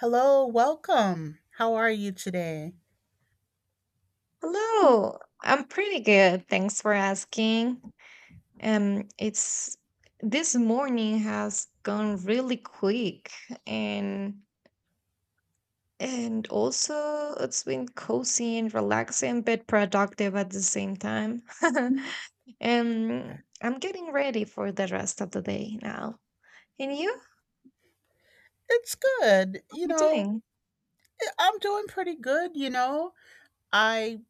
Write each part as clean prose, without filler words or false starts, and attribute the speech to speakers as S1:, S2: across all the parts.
S1: Hello, welcome. How are you today?
S2: Hello, I'm pretty good. Thanks for asking. It's This morning has gone really quick, and and also it's been cozy and relaxing but productive at the same time. Um,
S1: Yeah.
S2: I'm getting ready for the rest of the day now. And you?
S1: It's good.
S2: How are
S1: You
S2: you
S1: know,
S2: doing?
S1: I'm doing pretty good, you know. I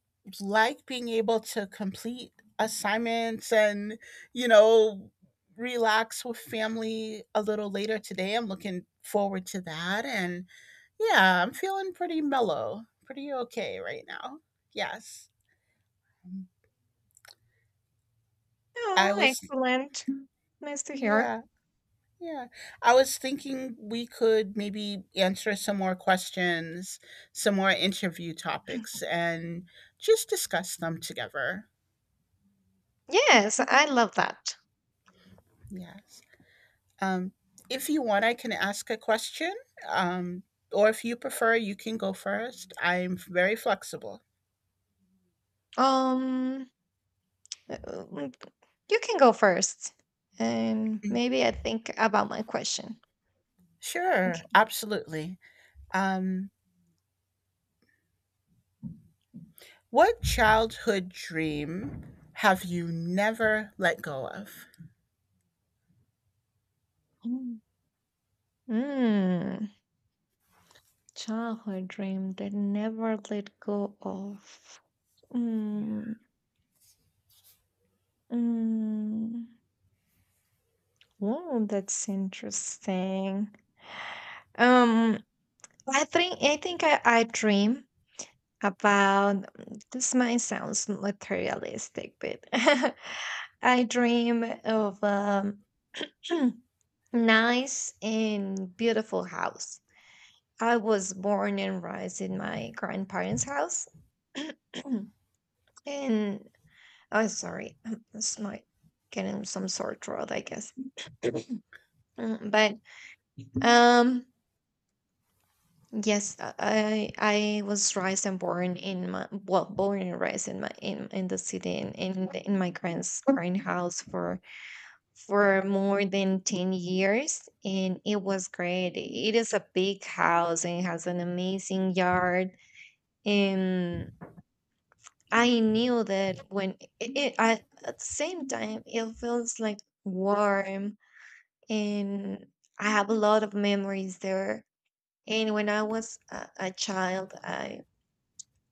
S1: like being able to complete assignments and, you know, relax with family a little later today. I'm looking forward to that and yeah, I'm feeling pretty mellow, pretty okay right now. Yes. I
S2: Oh,
S1: was
S2: excellent. Nice to hear.
S1: yeah. Yeah. I was thinking we could maybe answer some more questions, some more interview topics, and just discuss them together.
S2: Yes, I love that.
S1: Yes. Um, if you want, I can ask a question. Um, or if you prefer, you can go first. I'm very flexible.
S2: Um, Uh, mm, You can go first, and
S1: Mm.
S2: maybe I think about my question.
S1: Sure.
S2: Okay.
S1: Absolutely. Um, what childhood dream have you never let go of?
S2: Mm. Mm, Childhood dream that never let go of. Mm. Mm. Oh, that's interesting. Um, I dream about, this might sounds materialistic, but I dream of nice and beautiful house. I was born and raised in my grandparents' house. and Oh, sorry, it's my, getting some sore throat, I guess. But um yes, I was raised and born in my, well, born and raised in the city in in my grand house for more than 10 years, and it was great. It is a big house and has an amazing yard, and I knew that when it I, at the same time it feels like warm, and I have a lot of memories there. And when I was a child,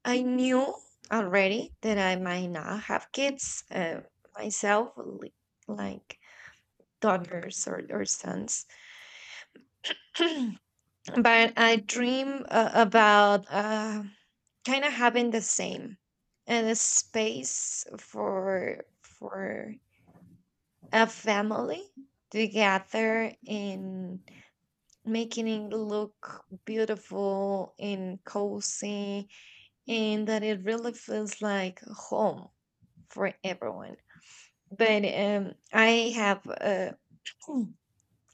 S2: I knew already that I might not have kids myself, like daughters or sons, but I dream about kind of having the same, and a space for a family to gather and making it look beautiful and cozy, and that it really feels like home for everyone. But I have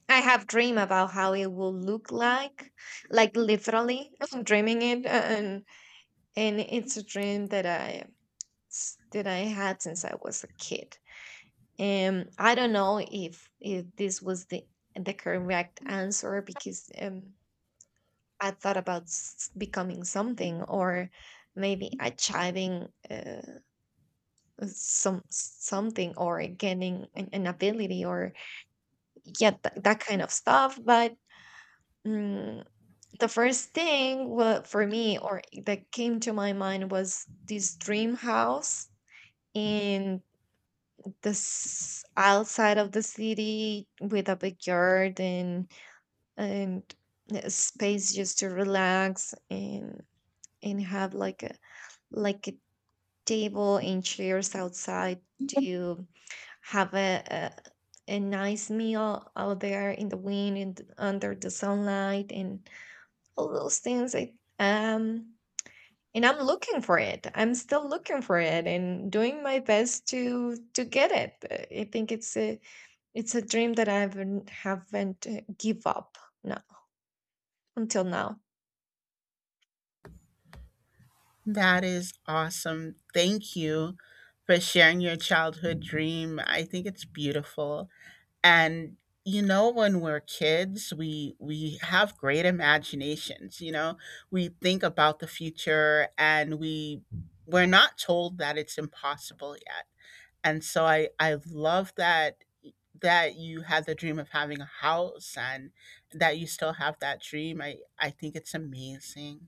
S2: I have dream about how it will look like literally I'm dreaming it, and it's a dream that I had since I was a kid. And I don't know if this was the correct answer, because I thought about becoming something, or maybe achieving some something, or gaining an ability, or yeah, that kind of stuff. But mm, the first thing for me, or that came to my mind, was this dream house in, this outside of the city, with a big garden, and a space just to relax, and have like a table and chairs outside, to have a nice meal out there in the wind and under the sunlight and all those things. And I'm looking for it. I'm still looking for it and doing my best to get it. I think it's a dream that I haven't give up, no, until now.
S1: That is awesome. Thank you for sharing your childhood dream. I think it's beautiful. And you know, when we're kids, we have great imaginations, you know. We think about the future and we're not told that it's impossible yet. And so I love that that you had the dream of having a house and that you still have that dream. I think it's amazing.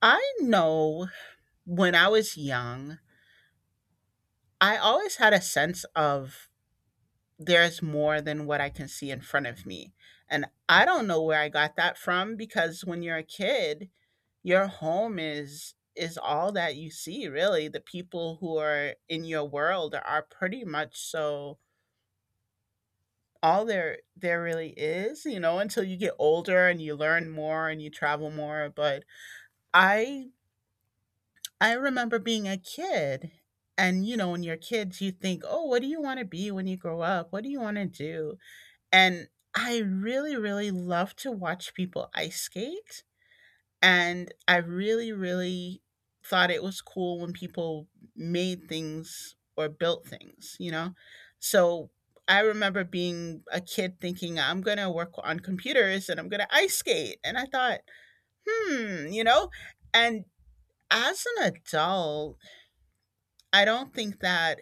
S1: I know when I was young, I always had a sense of there's more than what I can see in front of me. And I don't know where I got that from, because when you're a kid, your home is all that you see really. The people who are in your world are pretty much so all there really is, you know, until you get older and you learn more and you travel more. But I I remember being a kid, and you know, when you're kids, you think, oh, what do you want to be when you grow up? What do you want to do? And I really, really love to watch people ice skate. And I really, really thought it was cool when people made things or built things, you know? So I remember being a kid thinking, I'm going to work on computers and I'm going to ice skate. And I thought, hmm, you know? And as an adult, I don't think that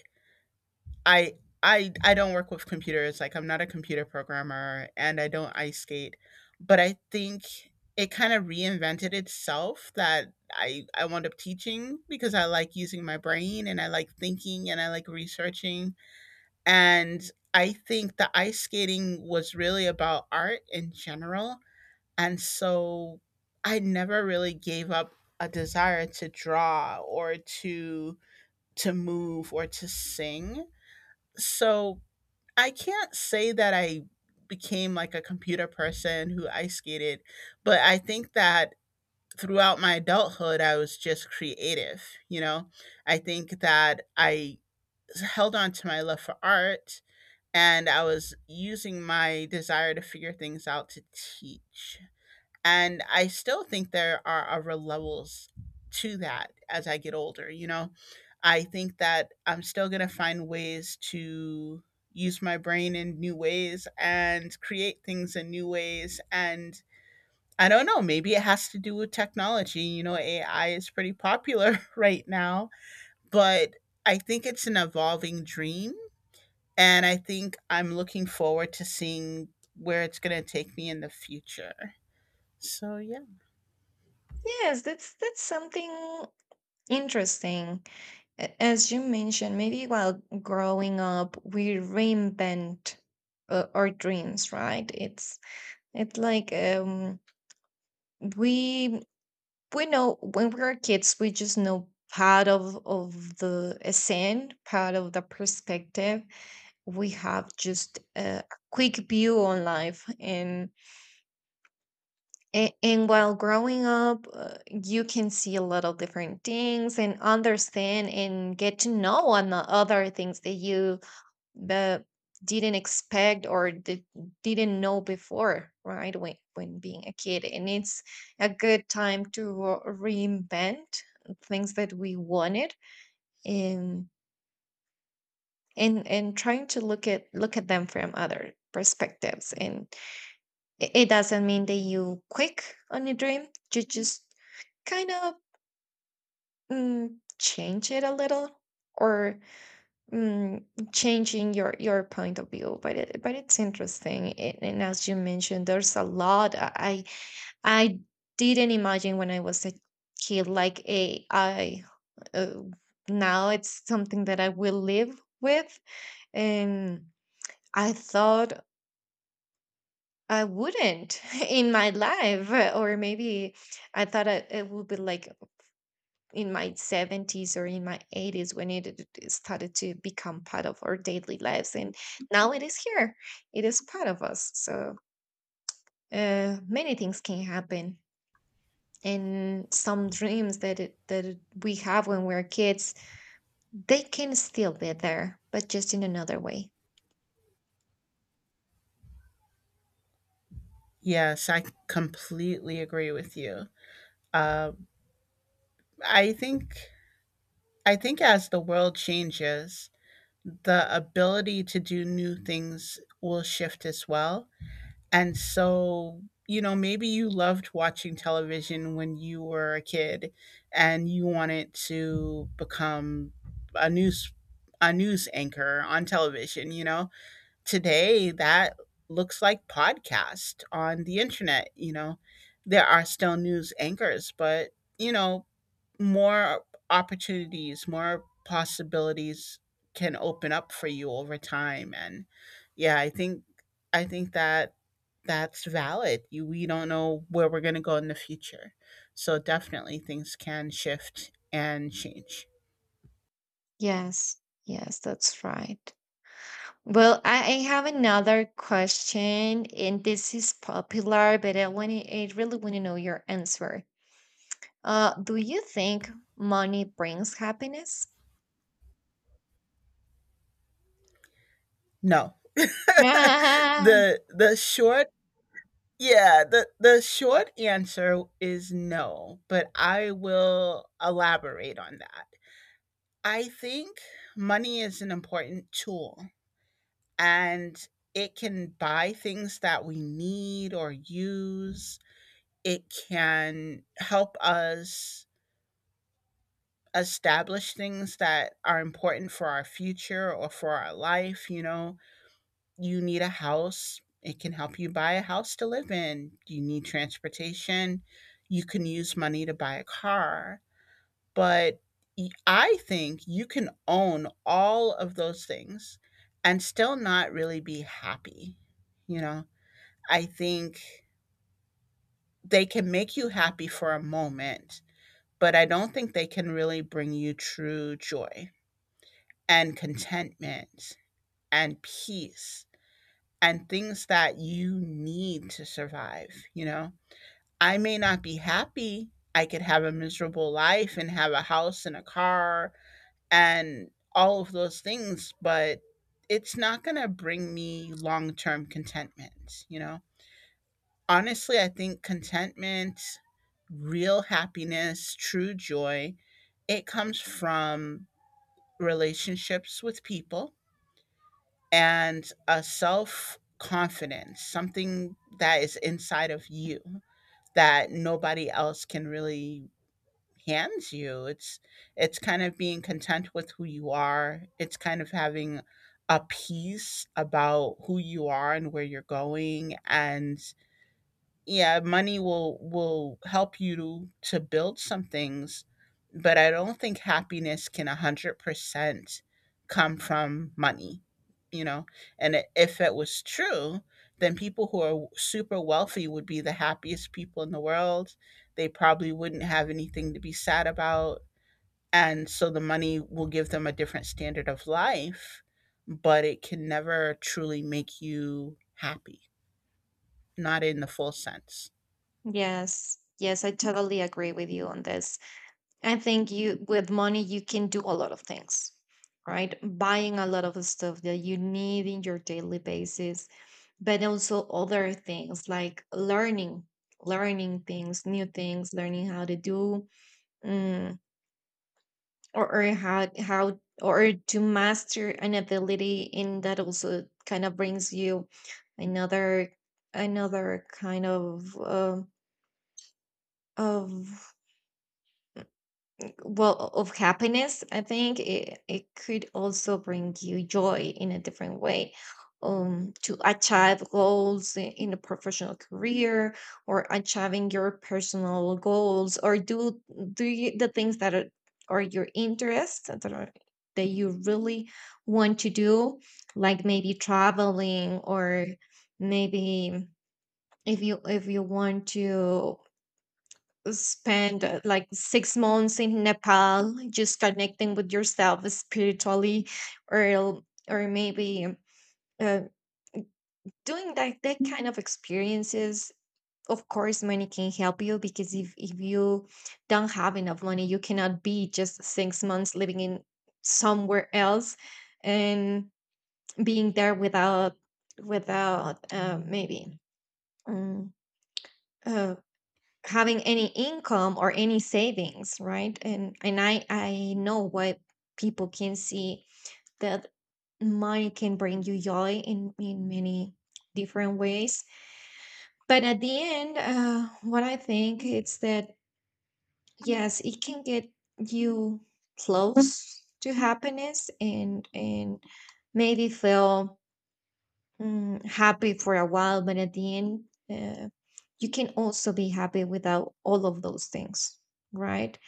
S1: I I don't work with computers. Like I'm not a computer programmer and I don't ice skate, but I think it kind of reinvented itself that I wound up teaching because I like using my brain and I like thinking and I like researching, and I think the ice skating was really about art in general. And so I never really gave up a desire to draw or to to move or to sing. So I can't say that I became like a computer person who ice skated, but I think that throughout my adulthood, I was just creative. You know, I think that I held on to my love for art and I was using my desire to figure things out to teach. And I still think there are other levels to that as I get older, you know? I think that I'm still going to find ways to use my brain in new ways and create things in new ways. And I don't know, maybe it has to do with technology. You know, AI is pretty popular right now, but I think it's an evolving dream. And I think I'm looking forward to seeing where it's going to take me in the future. So, yeah.
S2: Yes, that's something interesting. As you mentioned, maybe while growing up, we reinvent our dreams, right? It's like we we know, when we are kids we just know part of the scene, part of the perspective, we have just a quick view on life. And and while growing up you can see a lot of different things and understand and get to know on the other things that you that didn't expect, or did, didn't know before, right, when being a kid. And it's a good time to reinvent things that we wanted, and and trying to look at them from other perspectives. And it doesn't mean that you quick on a dream, you just kind of change it a little, or mm, changing your point of view. But it, but it's interesting, it, and as you mentioned, there's a lot I didn't imagine when I was a kid, like AI, uh, now it's something that I will live with. And I thought I wouldn't in my life, or maybe I thought it, it would be like in my 70s or in my 80s when it started to become part of our daily lives. And now it is here, it is part of us. So many things can happen, and some dreams that it, that we have when we're kids, they can still be there, but just in another way.
S1: Yes, I completely agree with you. Uh, I think as the world changes, the ability to do new things will shift as well. And so, you know, maybe you loved watching television when you were a kid, and you wanted to become a news a news anchor on television. You know, today that looks like podcast on the internet. You know, there are still news anchors, but you know, more opportunities, more possibilities can open up for you over time. And yeah, I think that that's valid. You, we don't know where we're going to go in the future, so definitely things can shift and change.
S2: Yes, yes, that's right. Well, I have another question, and this is popular, but I really want to know your answer. Do you think money brings happiness?
S1: No.
S2: Ah,
S1: The short Yeah, the short answer is no, but I will elaborate on that. I think money is an important tool, and it can buy things that we need or use. It can help us establish things that are important for our future or for our life. You know, you need a house, it can help you buy a house to live in. You need transportation, you can use money to buy a car. But I think you can own all of those things and still not really be happy. You know, I think they can make you happy for a moment, but I don't think they can really bring you true joy and contentment and peace and things that you need to survive, you know? I may not be happy. I could have a miserable life and have a house and a car and all of those things, but it's not going to bring me long term contentment, you know? Honestly, I think contentment, real happiness, true joy, it comes from relationships with people and a self confidence, something that is inside of you that nobody else can really hands you. It's kind of being content with who you are. It's kind of having a peace about who you are and where you're going. And yeah, money will help you to build some things, but I don't think happiness can 100% come from money, you know. And if it was true, then people who are super wealthy would be the happiest people in the world. They probably wouldn't have anything to be sad about, and so the money will give them a different standard of life, but it can never truly make you happy, not in the full sense.
S2: yes. Yes, I totally agree with you on this. I think, you with money you can do a lot of things, right? Buying a lot of stuff that you need in your daily basis, but also other things like learning, learning things, new things, learning how to do, mm, or how or to master an ability. And that also kind of brings you another another kind of, of well, of happiness, I think. It could also bring you joy in a different way, to achieve goals, in a professional career, or achieving your personal goals, or do do you, the things that are your interests, that are that you really want to do, like maybe traveling, or maybe if you want to spend like 6 months in Nepal just connecting with yourself spiritually or or maybe uh, doing that that kind of experiences. Of course money can help you, because if you don't have enough money you cannot be just 6 months living in somewhere else and being there without without maybe um, uh, having any income or any savings, right? And I know what people can see, that money can bring you joy in many different ways. But at the end, what I think it's that, yes, it can get you close to happiness, and maybe feel happy for a while. But at the end, uh, you can also be happy without all of those things, right?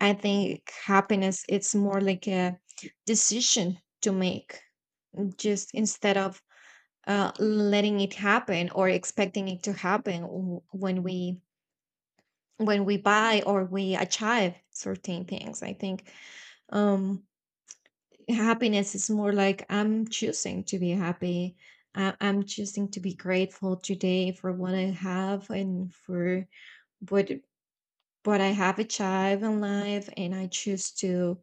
S2: I think happiness it's more like a decision to make, just instead of letting it happen or expecting it to happen when we buy or we achieve certain things. I think um, happiness is more like, I'm choosing to be happy. I'm choosing to be grateful today for what I have, and for what what I have achieved in life, and I choose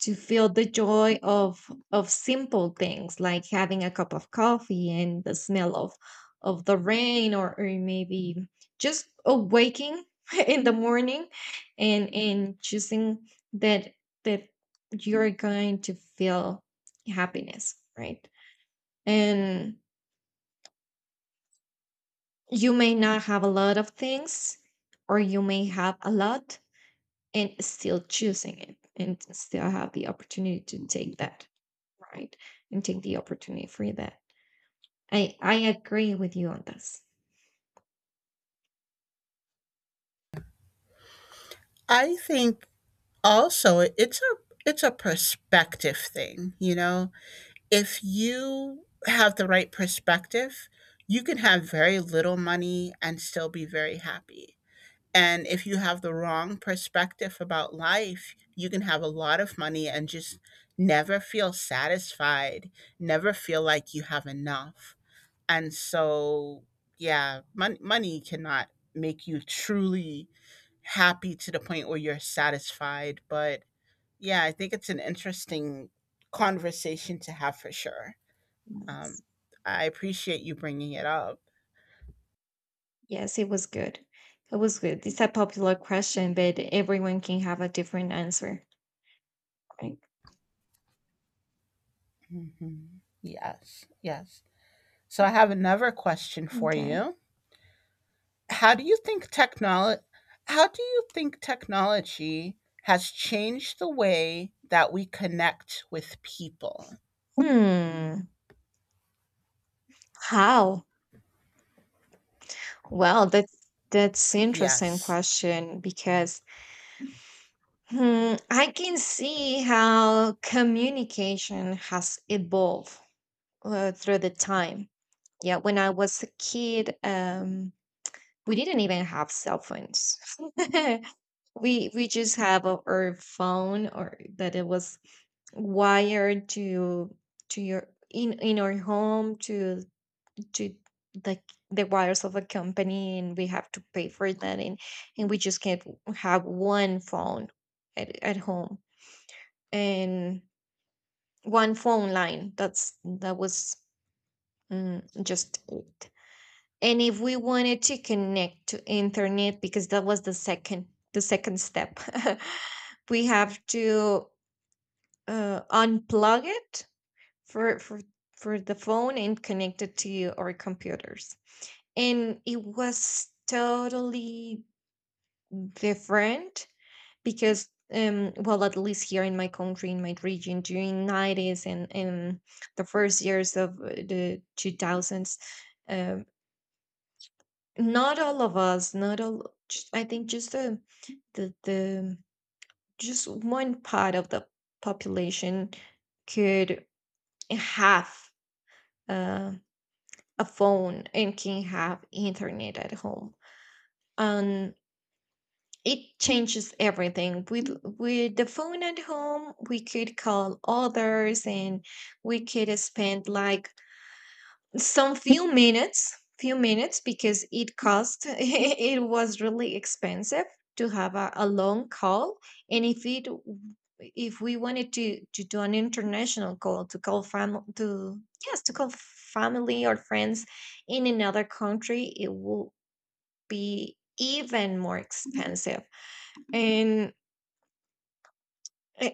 S2: to feel the joy of simple things, like having a cup of coffee and the smell of the rain, or maybe just awaking in the morning, and choosing that that you're going to feel happiness, right? And you may not have a lot of things, or you may have a lot, and still choosing it, and still have the opportunity to take that, right? And take the opportunity for that. I agree with you on this.
S1: I think also it's a perspective thing, you know. If you have the right perspective, you can have very little money and still be very happy. And if you have the wrong perspective about life, you can have a lot of money and just never feel satisfied, never feel like you have enough. And so, yeah, money cannot make you truly happy to the point where you're satisfied. But yeah, I think it's an interesting conversation to have for sure.
S2: Yes.
S1: Um, I appreciate you bringing it up.
S2: Yes, it was good. It was good. It's a popular question, but everyone can have a different answer. Right?
S1: Mhm. Yes, yes. So I have another question for
S2: Okay.
S1: you. How do you think technology? How do you think technology has changed the way that we connect with people?
S2: Hmm. How? Well, that's interesting
S1: Yes.
S2: question, because, hmm, I can see how communication has evolved through the time. Yeah, when I was a kid, we didn't even have cell phones. We just have our phone, or that it was wired to your, in our home, to the the wires of a company, and we have to pay for that. And we just can't have one phone at home, and one phone line, that's that was just it. And if we wanted to connect to internet, because that was the second step, we have to unplug it for for for the phone and connect it to our computers. And it was totally different, because well, at least here in my country, in my region, during 90s and the first years of the 2000s, uh, not all of us, not all, just, I think just the just one part of the population could have uh, a phone and can have internet at home. And it changes everything. With the phone at home, we could call others, and we could spend like some few minutes, because it cost it was really expensive to have a long call. And if it if we wanted to do an international call, to call family to, yes, to call family or friends in another country, it will be even more expensive. and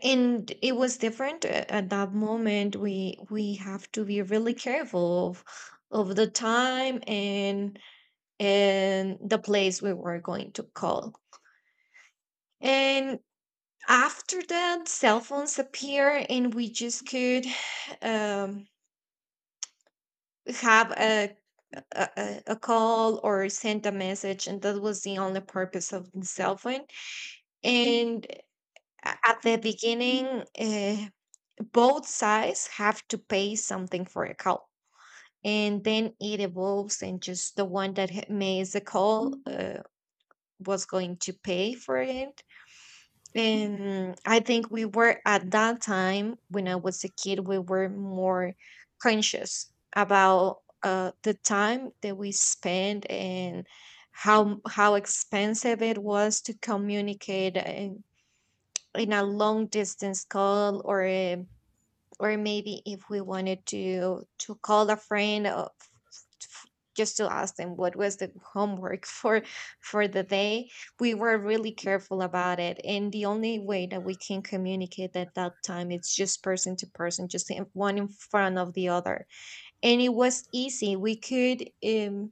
S2: and it was different, at that moment we have to be really careful of the time, and the place we were going to call. And after that, cell phones appear, and we just could um, have a a call, or send a message, and that was the only purpose of the cell phone. And at the beginning, both sides have to pay something for a call, and then it evolves, and just the one that makes the call was going to pay for it. And I think we were at that time when I was a kid, we were more conscious about the time that we spent and how expensive it was to communicate in a long distance call, or a, or maybe if we wanted to call a friend, f- just to ask them what was the homework for the day. We were really careful about it, and the only way that we can communicate at that time it's just person to person, just one in front of the other. And it was easy, we could um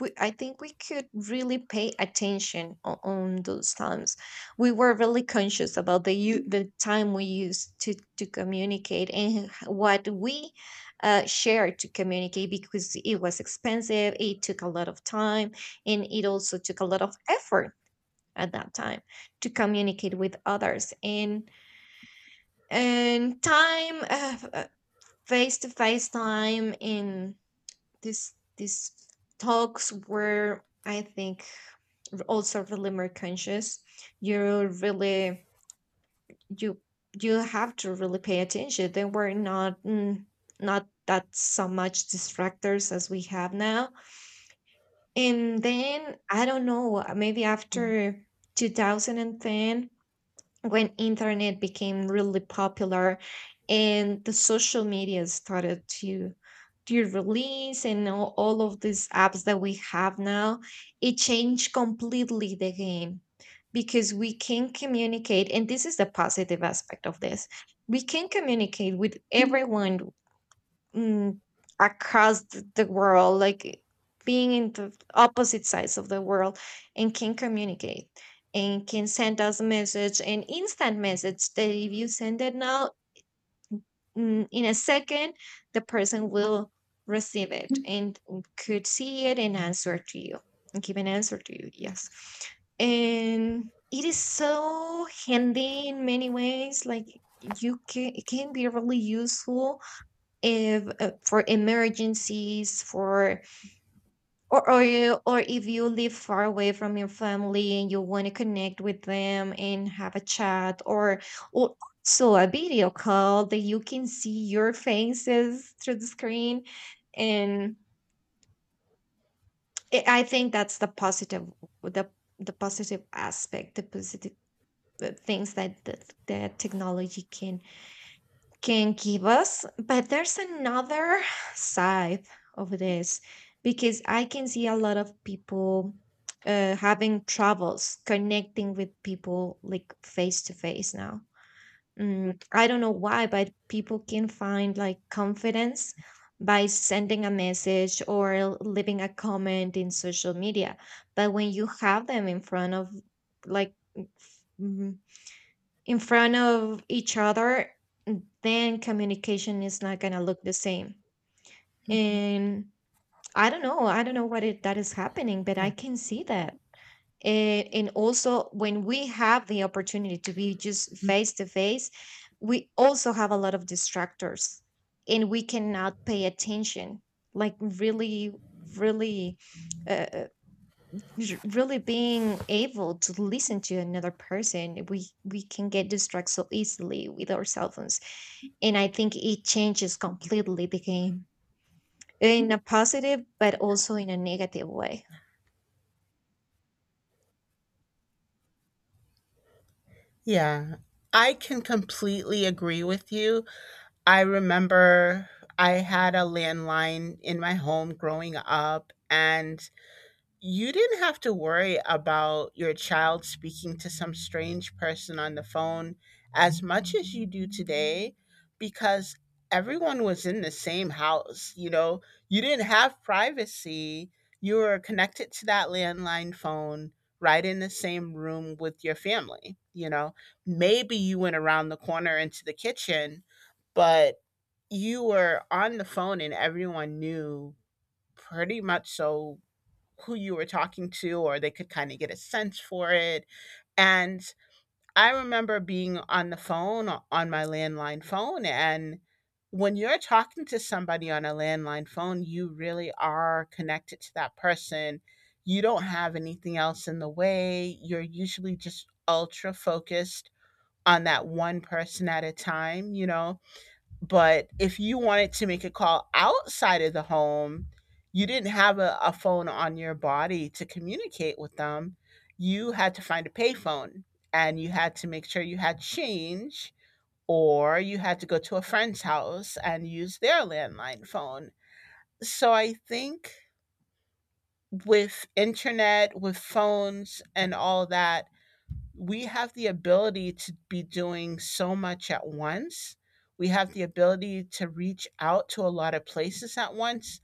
S2: we, I think we could really pay attention on those times. We were really conscious about the time we used to communicate and what we shared to communicate because it was expensive. It took a lot of time, and it also took a lot of effort at that time to communicate with others. And time face to face time in this talks were, I think, also really more conscious. You really, you you have to really pay attention. They were not not that so much distractors as we have now. And then I don't know, maybe
S1: Yeah.
S2: after 2010, when internet became really popular, and the social media started to release, and all of these apps that we have now, it changed completely the game. Because we can communicate, and this is the positive aspect of this, we can communicate with everyone, mm, across the world, like being in the opposite sides of the world, and can communicate and can send us a message, an instant message that if you send it now, in a second, the person will receive it and could see it and answer to you and give an answer to you. Yes. And it is so handy in many ways. Like you can, it can be really useful if, for emergencies, for or you, or if you live far away from your family and you want to connect with them and have a chat, or or also a video call that you can see your faces through the screen. And I think that's the positive, the the positive aspect, the positive things that that technology can give us. But there's another side of this, because I can see a lot of people, having troubles connecting with people like face to face now. I don't know why, but people can find like confidence by sending a message or leaving a comment in social media. But when you have them in front of, like, in front of each other, then communication is not going to look the same.
S1: Mhm.
S2: And I don't know. I don't know what it, that is happening, but I
S1: Yeah.
S2: can see that. And also, when we have the opportunity to be just face to face, we also have a lot of distractors and we cannot pay attention, like really, really. Uh, really being able to listen to another person, we can get distracted so easily with our cell phones. And I think it changes completely the game, in a positive but also in a negative way.
S1: Yeah. I can completely agree with you. I remember I had a landline in my home growing up, and you didn't have to worry about your child speaking to some strange person on the phone as much as you do today, because everyone was in the same house. You know, you didn't have privacy. You were connected to that landline phone right in the same room with your family. You know, maybe you went around the corner into the kitchen, but you were on the phone and everyone knew pretty much so who you were talking to, or they could kind of get a sense for it. And I remember being on the phone on my landline phone. And when you're talking to somebody on a landline phone, you really are connected to that person. You don't have anything else in the way, you're usually just ultra focused on that one person at a time, you know. But if you wanted to make a call outside of the home, you didn't have a phone on your body to communicate with them. You had to find a payphone, and you had to make sure you had change, or you had to go to a friend's house and use their landline phone. So I think with internet, with phones and all that, we have the ability to be doing so much at once. We have the ability to reach out to a lot of places at once.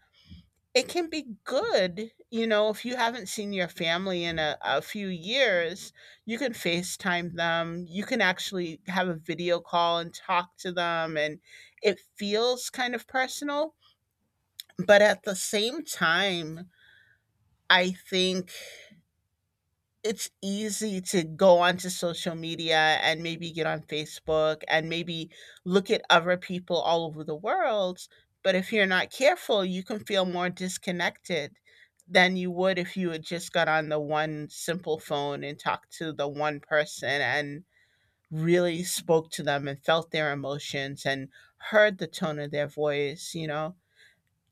S1: It can be good, you know, if you haven't seen your family in a few years, you can FaceTime them. You can actually have a video call and talk to them. And it feels kind of personal. But at the same time, I think it's easy to go onto social media and maybe get on Facebook and maybe look at other people all over the world. But if you're not careful, you can feel more disconnected than you would if you had just got on the one simple phone and talked to the one person and really spoke to them and felt their emotions and heard the tone of their voice. You know,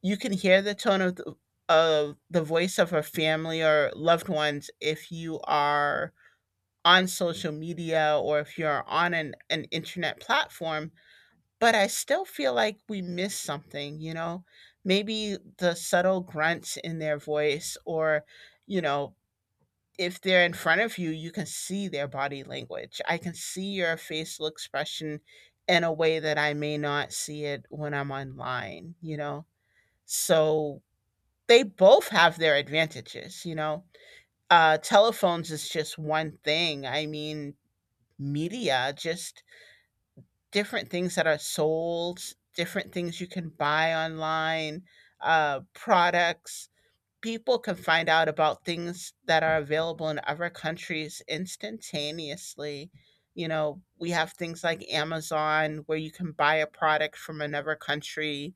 S1: you can hear the tone of of the voice of a family or loved ones if you are on social media, or if you're on an internet platform, but I still feel like we miss something, you know? Maybe the subtle grunts in their voice, or, you know, if they're in front of you, you can see their body language. I can see your facial expression in a way that I may not see it when I'm online, you know? So they both have their advantages, you know? Telephones is just one thing. I mean, media, just different things that are sold, different things you can buy online, products. People can find out about things that are available in other countries instantaneously. You know, we have things like Amazon where you can buy a product from another country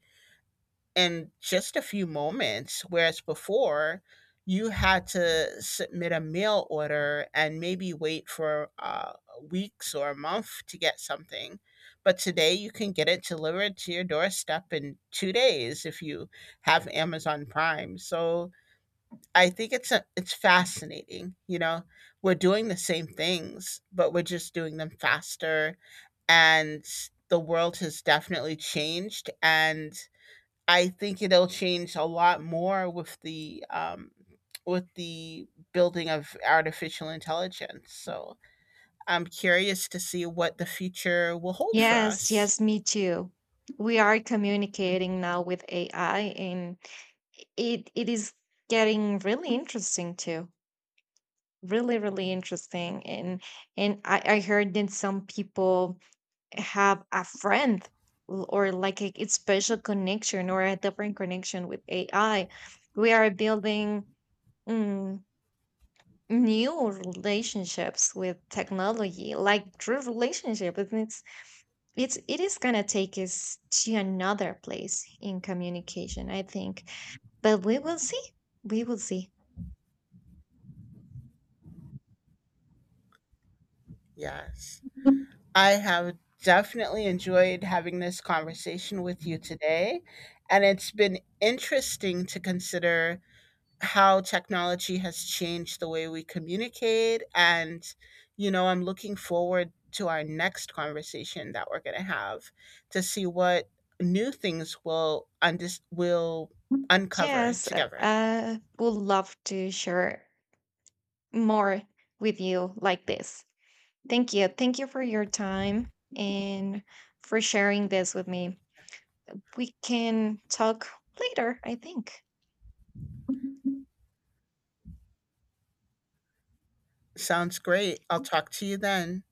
S1: in just a few moments, whereas before you had to submit a mail order and maybe wait for weeks or a month to get something. But today you can get it delivered to your doorstep in 2 days if you have Amazon Prime. So I think it's fascinating. You know, we're doing the same things, but we're just doing them faster, and the world has definitely changed. And I think it'll change a lot more with the building of artificial intelligence. So I'm curious to see what the future will hold for
S2: Yes,
S1: us.
S2: yes, me too. We are communicating now with AI, and it is getting really interesting too, really, really interesting. And I heard that some people have a friend, or like a, it's special connection or a different connection with AI. We are building, mm, new relationships with technology, like true relationship. And it's it is gonna take us to another place in communication, I think. But we will see. We will see.
S1: Yes, I have definitely enjoyed having this conversation with you today, and it's been interesting to consider how technology has changed the way we communicate. And, you know, I'm looking forward to our next conversation that we're going to have to see what new things will uncover
S2: Yes,
S1: together.
S2: I would love to share more with you like this. Thank you. Thank you for your time and for sharing this with me. We can talk later, I think.
S1: Sounds great. I'll talk to you then.